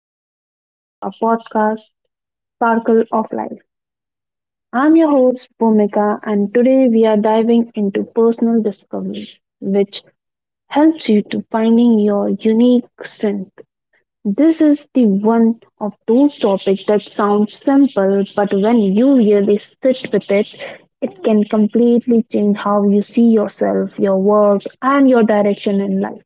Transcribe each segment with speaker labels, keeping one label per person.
Speaker 1: And welcome back to our podcast, Sparkle of Life. I'm your host, Bhumika, and today we are diving into personal discovery, which helps you to finding your unique strength. This is the one of those topics that sounds simple, but when you really sit with it, it can completely change how you see yourself, your work, and your direction in life.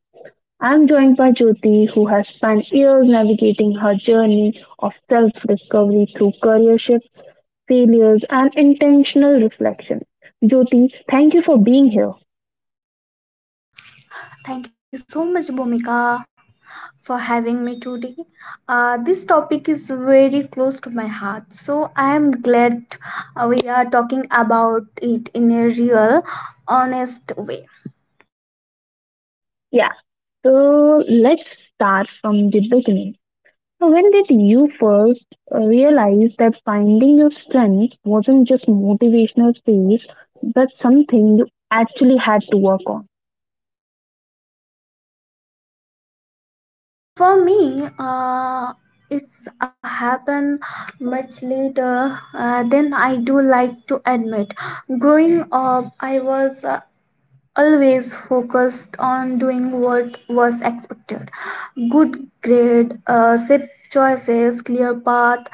Speaker 1: I'm joined by Jyoti, who has spent years navigating her journey of self discovery through career shifts, failures, and intentional reflection. Jyoti, thank you for being here.
Speaker 2: Thank you so much, Bhumika, for having me today. This topic is very close to my heart, so I am glad we are talking about it in a real, honest way.
Speaker 1: Yeah, so let's start from the beginning. So when did you first realize that finding your strength wasn't just motivational space, but something you actually had to work on?
Speaker 2: For me, it's happened much later than I do like to admit. Growing up, I was always focused on doing what was expected, good grade, safe choices, clear path.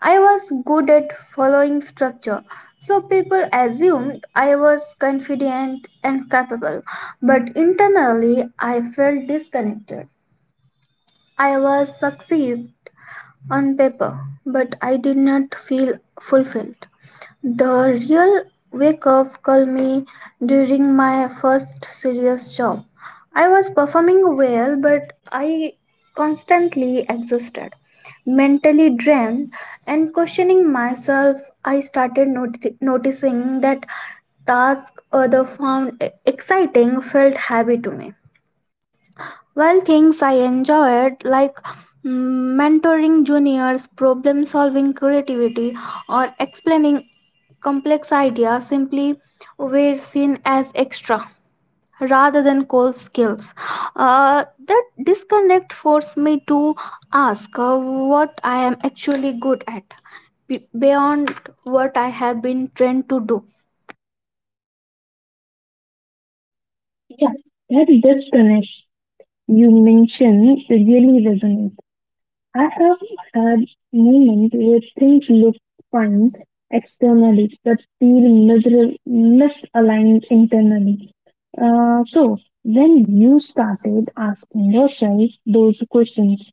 Speaker 2: I was good at following structure, so people assumed I was confident and capable, but internally I felt disconnected. I was succeed on paper, but I did not feel fulfilled. The real wake up call me during my first serious job. I was performing well, but I constantly exhausted, mentally drained, and questioning myself. I started noticing that tasks other found exciting felt heavy to me, well, things I enjoyed like mentoring juniors, problem solving creativity, or explaining complex ideas simply were seen as extra rather than core skills. That disconnect forced me to ask what I am actually good at beyond what I have been trained to do.
Speaker 1: Yeah, that disconnect you mentioned really resonates. I have had moments where things look fine externally but feel miserable, misaligned internally. So, when you started asking yourself those questions,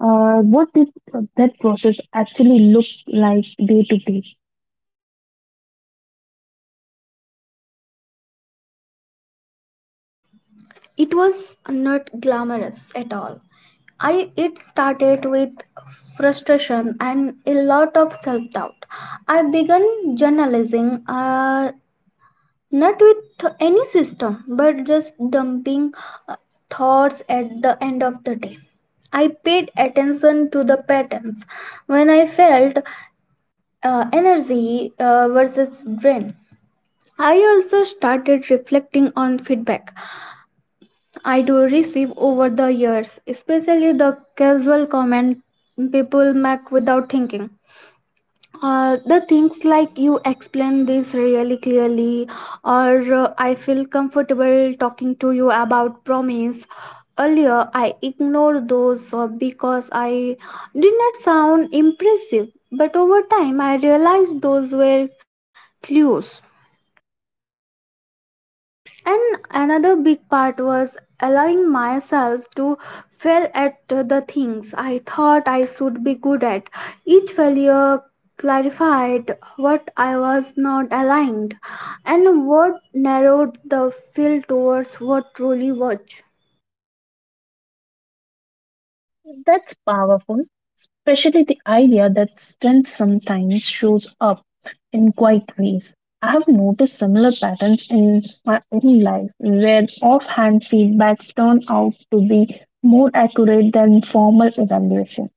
Speaker 1: what did that process actually look like day to day?
Speaker 2: It was not glamorous at all. I It started with frustration and a lot of self-doubt. I began journalizing not with any system but just dumping uh, thoughts at the end of the day. I paid attention to the patterns when I felt energy versus drain. I also started reflecting on feedback I do receive over the years, especially the casual comment people make without thinking. The things like you explain this really clearly, or I feel comfortable talking to you about promise. Earlier, I ignored those because I did not sound impressive, but over time, I realized those were clues. And another big part was allowing myself to fail at the things I thought I should be good at. Each failure clarified what I was not aligned and what narrowed the field towards what truly was.
Speaker 1: That's powerful, especially the idea that strength sometimes shows up in quiet ways. I have noticed similar patterns in my own life where offhand feedbacks turn out to be more accurate than formal evaluation.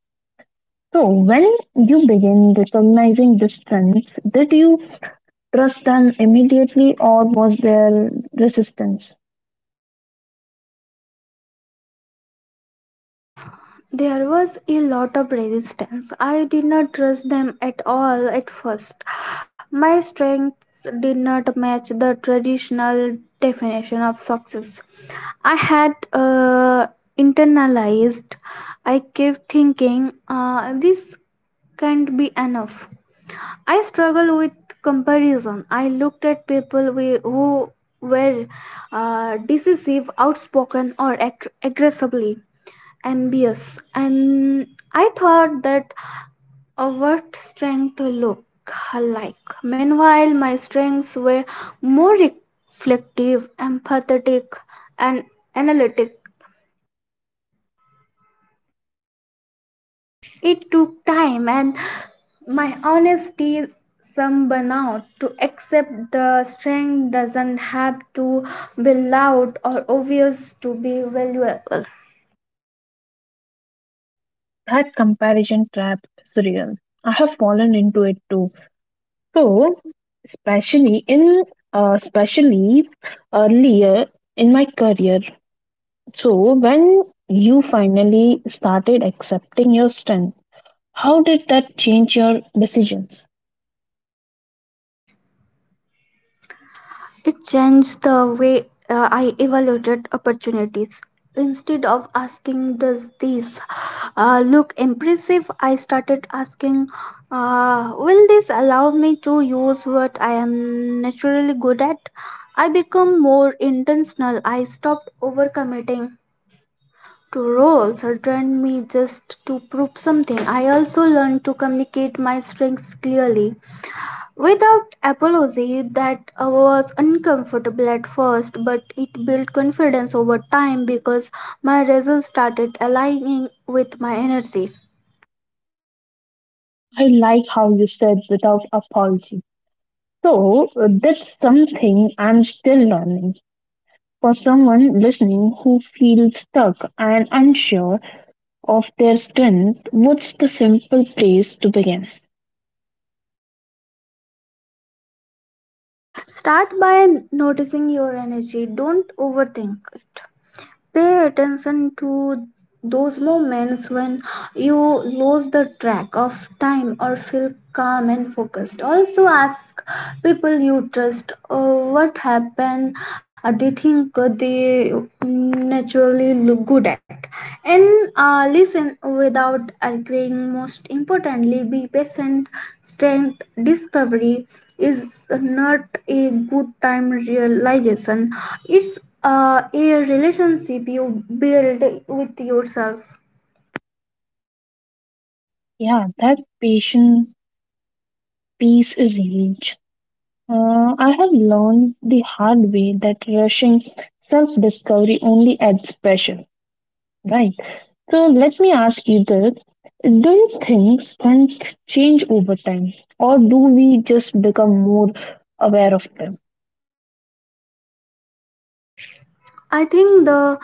Speaker 1: So, when you begin recognizing the strengths, did you trust them immediately or was there resistance?
Speaker 2: There was a lot of resistance. I did not trust them at all at first. My strengths did not match the traditional definition of success. I had internalized. I kept thinking, this can't be enough. I struggle with comparison. I looked at people who were decisive, outspoken, or aggressively ambitious, and I thought that what strength look like. Meanwhile, my strengths were more reflective, empathetic, and analytic. It took time and my honesty, some burnout, to accept the strength doesn't have to be loud or obvious to be valuable.
Speaker 1: That comparison trap is real. I have fallen into it too. So, especially in uh, especially earlier in my career. So, when you finally started accepting your strength, how did that change your decisions?
Speaker 2: It changed the way I evaluated opportunities. Instead of asking, does this look impressive? I started asking, will this allow me to use what I am naturally good at? I become more intentional. I stopped overcommitting to roles or trained me just to prove something. I also learned to communicate my strengths clearly. Without apology, that was uncomfortable at first, but it built confidence over time because my results started aligning with my energy.
Speaker 1: I like how you said without apology. So, that's something I'm still learning. For someone listening who feels stuck and unsure of their strength, what's the simple place to begin?
Speaker 2: Start by noticing your energy, don't overthink it. Pay attention to those moments when you lose the track of time or feel calm and focused. Also, ask people you trust what happened they think they naturally look good at. And listen without arguing. Most importantly, be patient. Strength discovery is not a good time realization, it's a relationship you build with yourself.
Speaker 1: Yeah, that patient peace is huge. I have learned the hard way that rushing self discovery only adds pressure, right? So let me ask you this. Do you think strength change over time, or do we just become more aware of them?
Speaker 2: I think the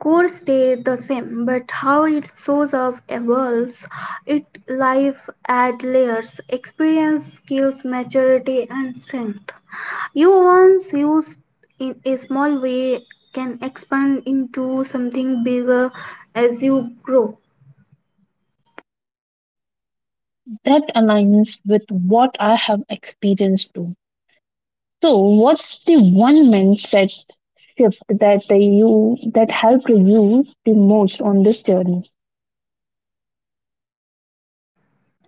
Speaker 2: core stays the same, but how it shows up evolves. It life add layers, experience, skills, maturity, and strength. You once used in a small way can expand into something bigger as you grow.
Speaker 1: That aligns with what I have experienced too. So, what's the one mindset shift that you that helped you the most on this journey?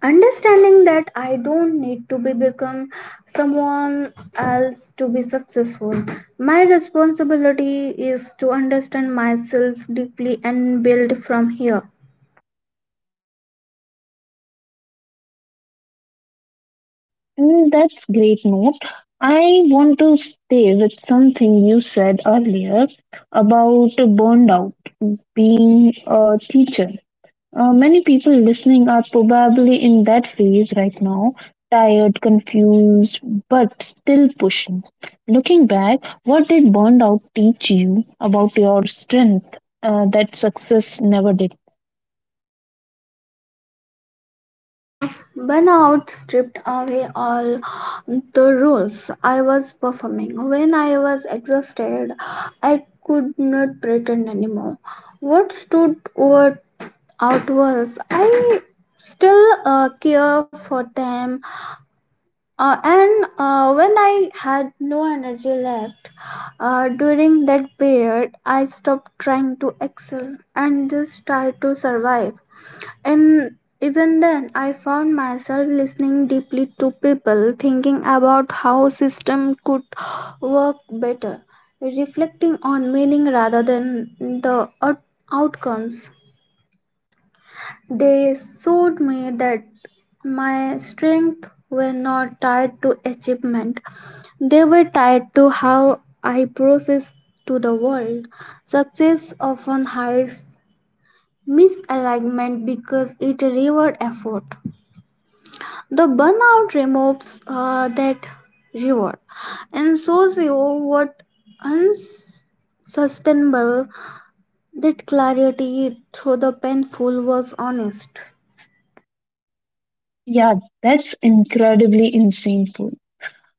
Speaker 2: Understanding that I don't need to be become someone else to be successful, my responsibility is to understand myself deeply and build from here.
Speaker 1: Mm, that's great note. I want to stay with something you said earlier about burnout being a teacher. Many people listening are probably in that phase right now, tired, confused, but still pushing. Looking back, what did burnout teach you about your strength that success never did?
Speaker 2: The burnout stripped away all the roles I was performing. When I was exhausted, I could not pretend anymore. What stood over out was I still care for them. And when I had no energy left during that period, I stopped trying to excel and just tried to survive. And even then, I found myself listening deeply to people, thinking about how system could work better, reflecting on meaning rather than the outcomes. They showed me that my strengths were not tied to achievement, they were tied to how I process to the world. Success often hides misalignment because it rewards effort. The burnout removes that reward and shows you what unsustainable, that clarity through the painful was honest.
Speaker 1: Yeah, that's incredibly insightful.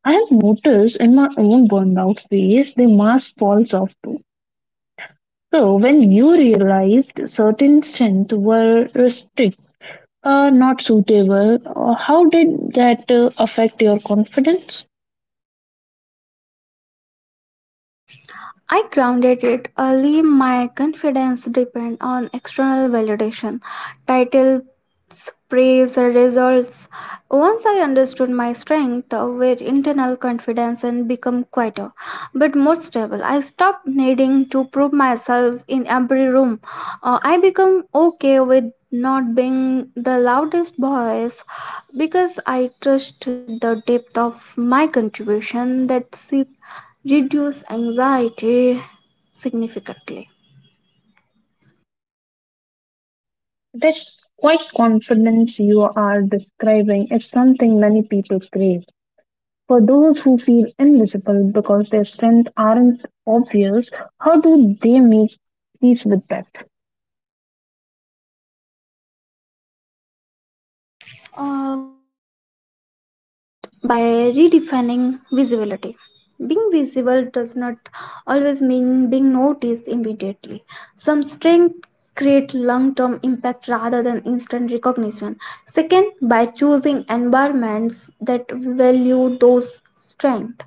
Speaker 1: I've noticed in my own burnout phase, the mask falls off too. So when you realized certain strengths were restricted, not suitable, how did that affect your confidence?
Speaker 2: I grounded it early. My confidence depend on external validation, titles, praise, results. Once I understood my strength, with internal confidence and become quieter, but more stable. I stopped needing to prove myself in every room. I become okay with not being the loudest voice because I trust the depth of my contribution. That's it reduce anxiety significantly.
Speaker 1: That quite confidence you are describing is something many people crave. For those who feel invisible because their strengths aren't obvious, how do they make peace with that?
Speaker 2: First, by redefining visibility. Being visible does not always mean being noticed immediately. Some strength create long-term impact rather than instant recognition. Second, by choosing environments that value those strength.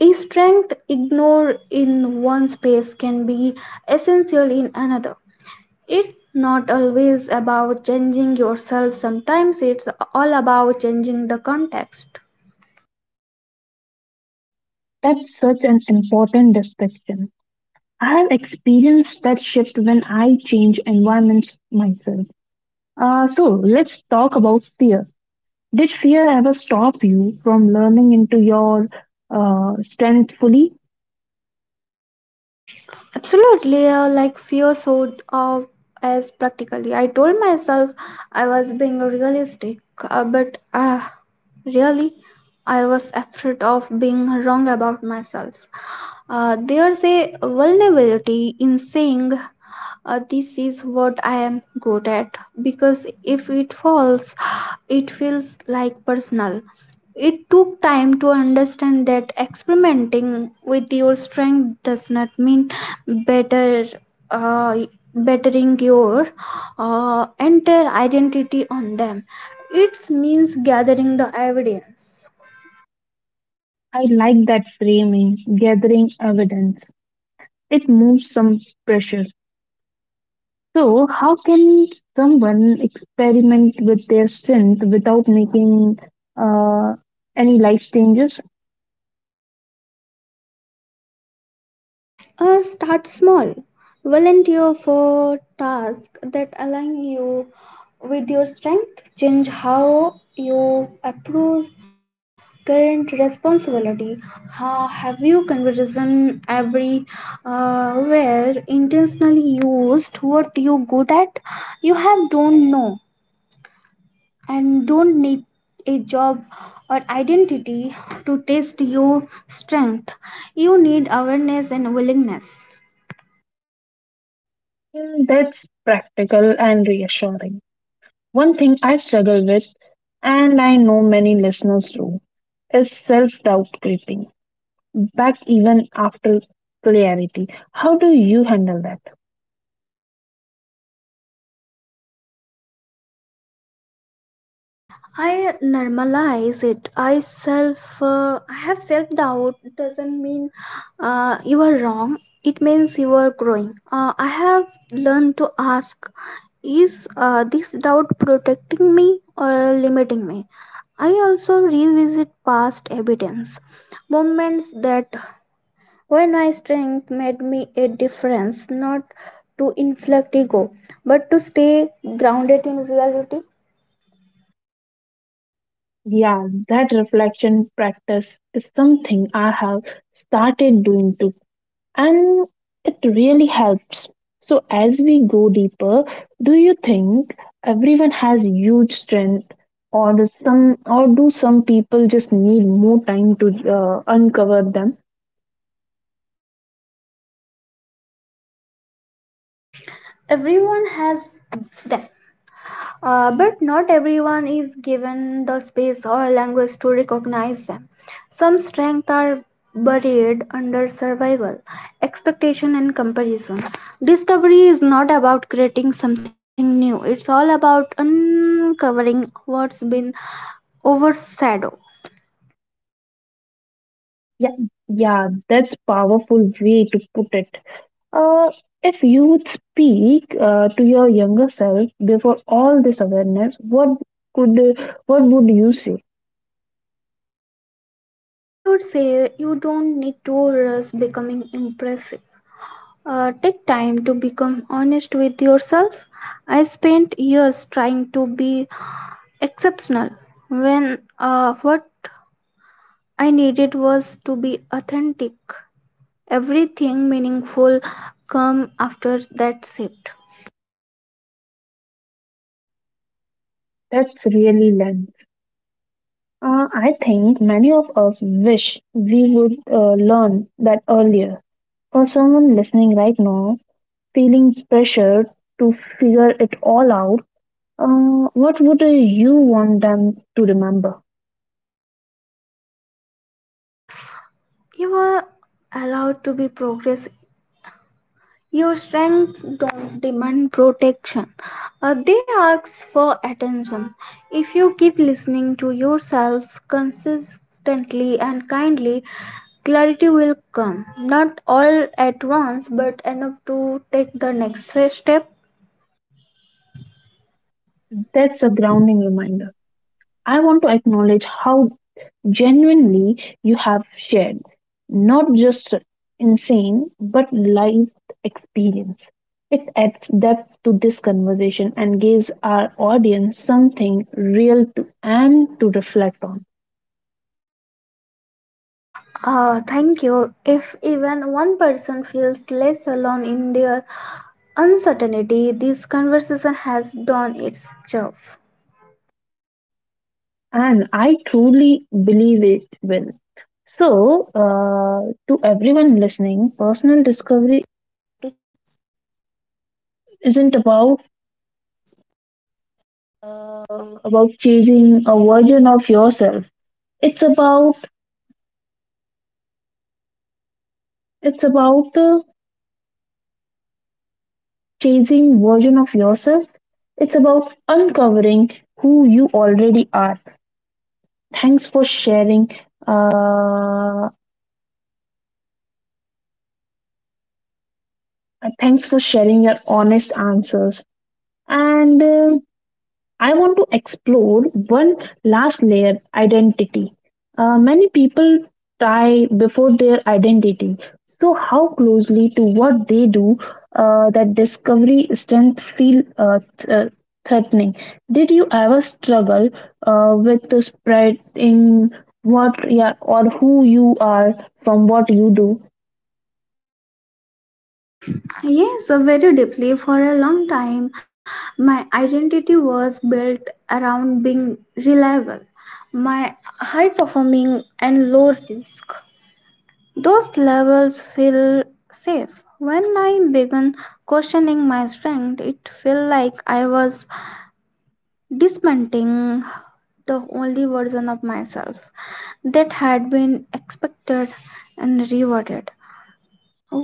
Speaker 2: A strength ignored in one space can be essential in another. It's not always about changing yourself, sometimes it's all about changing the context.
Speaker 1: That's such an important distinction. I've experienced that shift when I change environments myself. So, let's talk about fear. Did fear ever stop you from learning into your strength fully?
Speaker 2: Absolutely, like fear showed up as practically. I told myself I was being realistic, but really, I was afraid of being wrong about myself. There's a vulnerability in saying, this is what I am good at, because if it falls, it feels like personal. It took time to understand that experimenting with your strength does not mean better. Uh, Bettering your entire identity on them, it means gathering the evidence.
Speaker 1: I like that framing, gathering evidence. It moves some pressure. So, how can someone experiment with their strength without making uh, any life changes?
Speaker 2: Start small. Volunteer for tasks that align you with your strength. Change how you approach current responsibility. Have you conversation every where intentionally used what you good at? You have don't know and don't need a job or identity to test your strength. You need awareness and willingness.
Speaker 1: Mm, that's practical and reassuring. One thing I struggle with, and I know many listeners do, is self doubt creeping back even after clarity. How do you handle that?
Speaker 2: I normalize it. I have self doubt. Doesn't mean you are wrong. It means you are growing. I have learned to ask: is this doubt protecting me or limiting me? I also revisit past evidence, moments that when my strength made me a difference, not to inflict ego, but to stay grounded in reality.
Speaker 1: Yeah, that reflection practice is something I have started doing too, and it really helps. So, as we go deeper, do you think everyone has huge strength? Or do some people just need more time to uncover them?
Speaker 2: Everyone has them, but not everyone is given the space or language to recognize them. Some strengths are buried under survival, expectation, and comparison. Discovery is not about creating something new, it's all about uncovering what's been overshadowed.
Speaker 1: Yeah, yeah, that's powerful way to put it. Uh, if you would speak to your younger self before all this awareness, could what would you say?
Speaker 2: I would say you don't need to rush becoming impressive. Take time to become honest with yourself. I spent years trying to be exceptional when what I needed was to be authentic. Everything meaningful come after that shift.
Speaker 1: That's really lens. I think many of us wish we would learn that earlier. For someone listening right now, feeling pressure to figure it all out, what would you want them to remember?
Speaker 2: You are allowed to be progress. Your strength don't demand protection. They ask for attention. If you keep listening to yourself consistently and kindly, clarity will come. Not all at once, but enough to take the next step.
Speaker 1: That's a grounding reminder. I want to acknowledge how genuinely you have shared, not just insane but life experience. It adds depth to this conversation and gives our audience something real to, and to reflect on.
Speaker 2: Thank you. If even one person feels less alone in their uncertainty, this conversation has done its job.
Speaker 1: And I truly believe it will. So, to everyone listening, personal, it's about chasing version of yourself. It's about uncovering who you already are. Thanks for sharing. Uh, Thanks for sharing your honest answers. And I want to explore one last layer identity. Many people tie before their identity. So, how closely to what they do, that discovery strength feel threatening? Did you ever struggle with the spread what yeah, or who you are from what you do?
Speaker 2: Yes, very deeply. For a long time, my identity was built around being reliable, my high performing and low risk. Those levels feel safe. When I began questioning my strength, it felt like I was dismantling the only version of myself that had been expected and rewarded.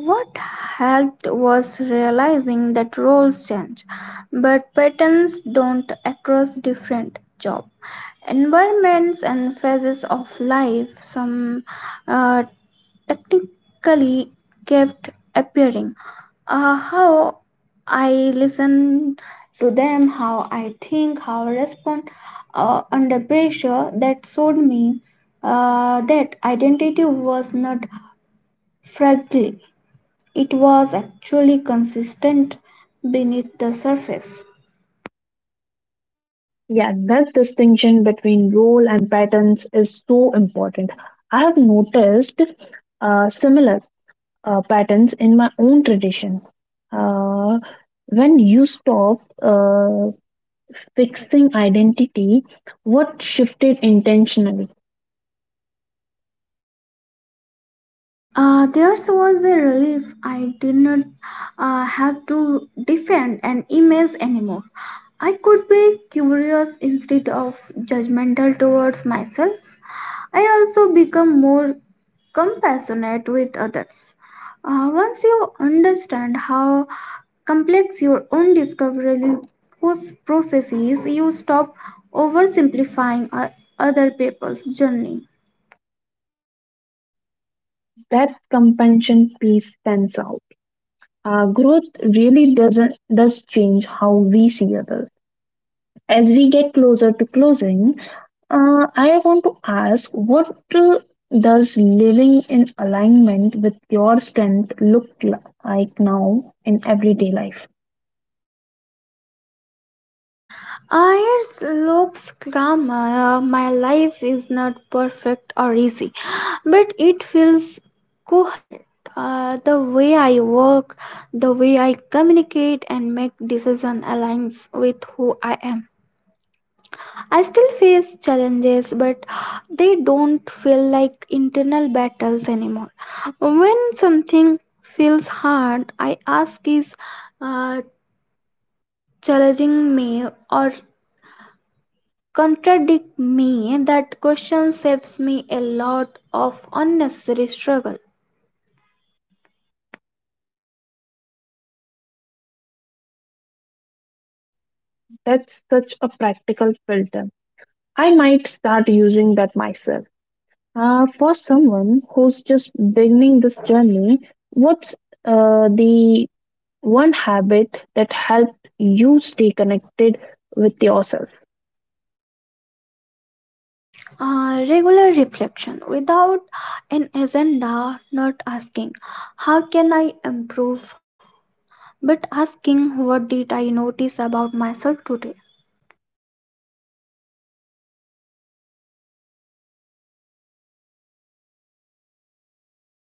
Speaker 2: What helped was realizing that roles change, but patterns don't across different job environments and phases of life. Some uh, technically kept appearing. How I listen to them, how I think, how I respond under pressure. That showed me that identity was not fragile, it was actually consistent beneath the surface.
Speaker 1: Yeah, that distinction between role and patterns is so important. I have noticed similar patterns in my own tradition. Uh, when you stop fixing identity, what shifted intentionally?
Speaker 2: Theirs was a relief. I did not have to defend an image anymore. I could be curious instead of judgmental towards myself. I also become more compassionate with others. Once you understand how complex your own discovery process is, you stop oversimplifying other people's journey.
Speaker 1: That compassion piece stands out. Growth really doesn't does change how we see others. As we get closer to closing, I want to ask what, does living in alignment with your strength look like now in everyday life?
Speaker 2: Ayers looks calm. My life is not perfect or easy, but it feels coherent. The way I work, the way I communicate and make decision aligns with who I am. I still face challenges, but they don't feel like internal battles anymore. When something feels hard, I ask is uh, challenging me or contradict me, that question saves me a lot of unnecessary struggle.
Speaker 1: That's such a practical filter. I might start using that myself. For someone who's just beginning this journey, what's the one habit that helped you stay connected with yourself?
Speaker 2: Regular reflection without an agenda, not asking, how can I improve? But asking, what did I notice about myself today?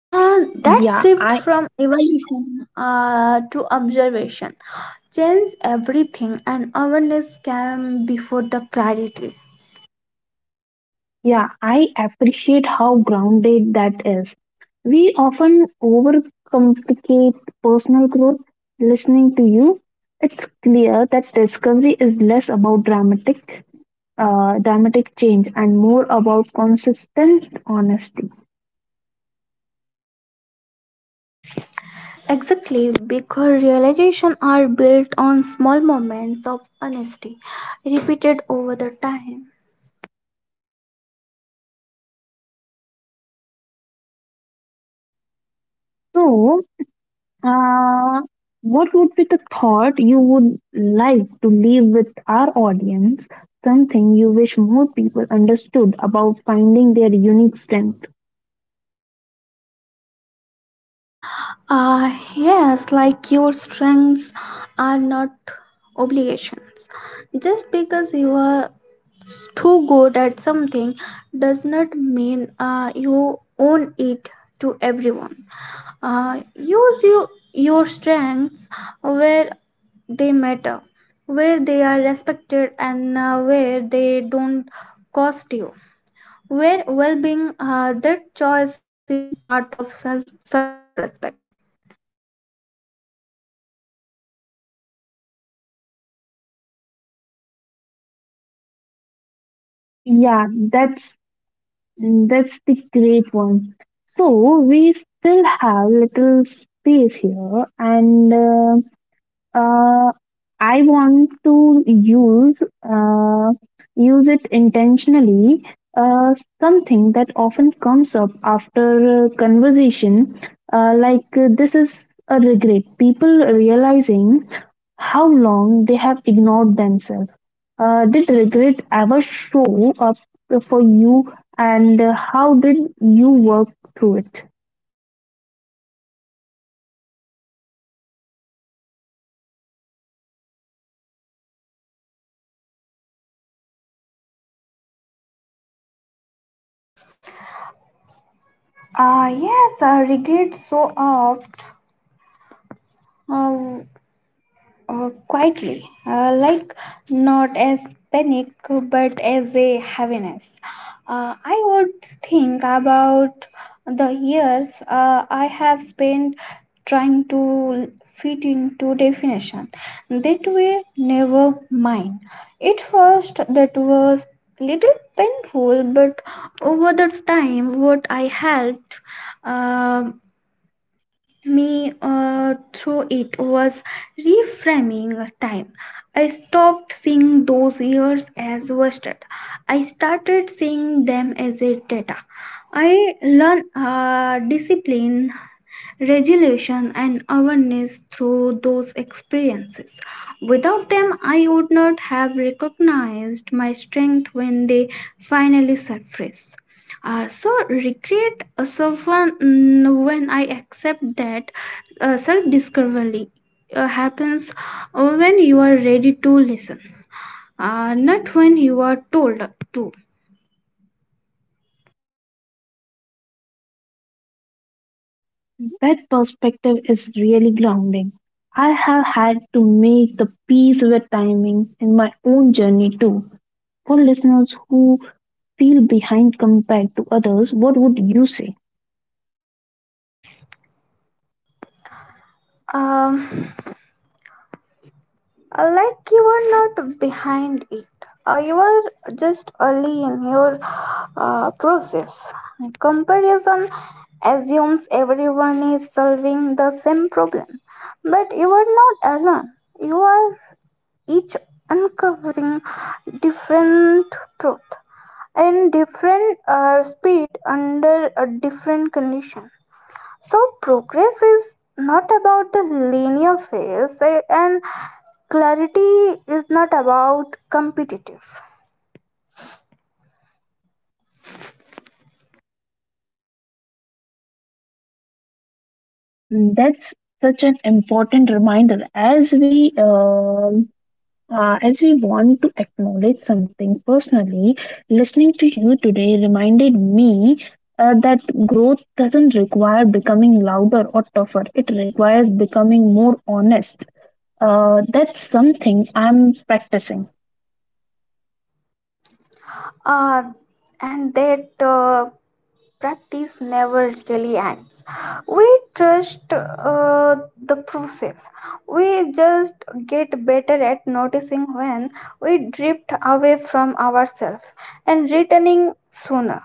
Speaker 2: Uh, that
Speaker 1: Yeah,
Speaker 2: shift
Speaker 1: I
Speaker 2: from evaluation to observation changes everything, and awareness came before the clarity.
Speaker 1: Yeah, I appreciate how grounded that is. We often overcomplicate personal growth. Listening to you, it's clear that discovery is less about dramatic change and more about consistent honesty.
Speaker 2: Exactly, because realization are built on small moments of honesty repeated over the time.
Speaker 1: So, uh, what would be the thought you would like to leave with our audience? Something you wish more people understood about finding their unique strength?
Speaker 2: Yes, like your strengths are not obligations. Just because you are too good at something does not mean you own it to everyone. Use your strengths where they matter, where they are respected, and where they don't cost you. Where well being, that choice is part of self respect.
Speaker 1: Yeah, that's Mm, that's the great one. So we still have little space here, and uh, I want to use uh, use it intentionally. Uh, Something that often comes up after conversation, like this is a regret. People realizing how long they have ignored themselves. Did regret ever show up for you, and how did you work through it?
Speaker 2: Ah, yes, I regret so oft, uh, quietly, like not as panic but as a heaviness. I would think about the years I have spent trying to fit into definition that were never mine. At first, that was little painful, but over the time, what I helped. um me through it was reframing time. I stopped seeing those years as wasted. I started seeing them as a data. I learned discipline, regulation, and awareness through those experiences. Without them, I would not have recognized my strength when they finally surfaced. So recreate. So when, when I accept that self discovery happens when you are ready to listen, not when you are told to.
Speaker 1: That perspective is really grounding. I have had to make the peace with timing in my own journey too. For listeners who feel behind compared to others, what would you say?
Speaker 2: Um like you are not behind it. You are just early in your process. Comparison assumes everyone is solving the same problem, but you are not alone. You are each uncovering different truth and different speed under a different condition. So progress is not about the linear phase eh, and clarity is not about competitive.
Speaker 1: Yeah, mm, that's such an important reminder as we want to acknowledge something personally. Listening to you today reminded me that growth doesn't require becoming louder or tougher. It requires becoming more honest. That's something I'm practicing.
Speaker 2: Uh, and that practice never really ends. We trust the process. We just get better at noticing when we drift away from ourselves and returning sooner.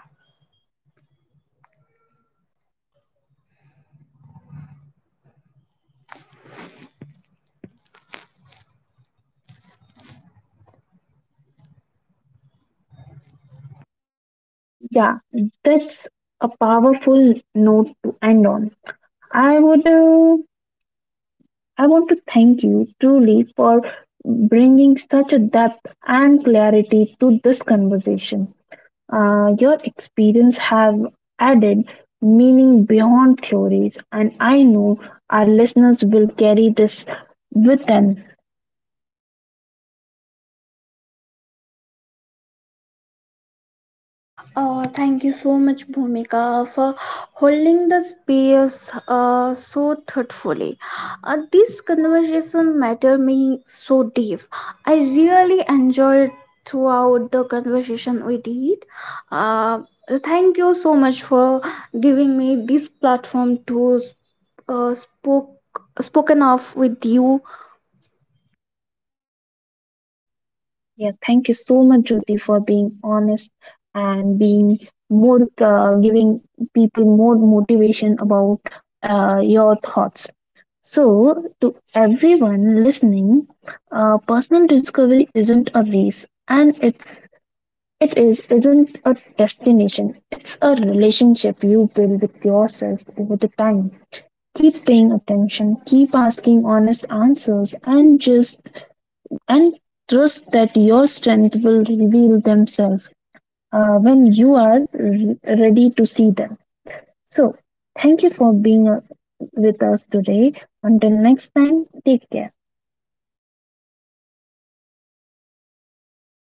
Speaker 1: Yeah, that's a powerful note to end on. I would uh, I want to thank you truly for bringing such a depth and clarity to this conversation. Your experience have added meaning beyond theories, and I know our listeners will carry this with them.
Speaker 2: Thank you so much, Bhumika, for holding the space so thoughtfully. This conversation matter me so deep. I really enjoyed throughout the conversation we did. Uh, Thank you so much for giving me this platform to uh, spoke spoken of with you.
Speaker 1: Yeah, thank you so much, Jyoti, for being honest and being more, giving people more motivation about your thoughts. So, to everyone listening, personal discovery isn't a race, and it's it is isn't a destination. It's a relationship you build with yourself over the time. Keep paying attention, keep asking honest answers, and just and trust that your strength will reveal themselves when you are ready to see them. So, thank you for being with us today. Until next time, take care.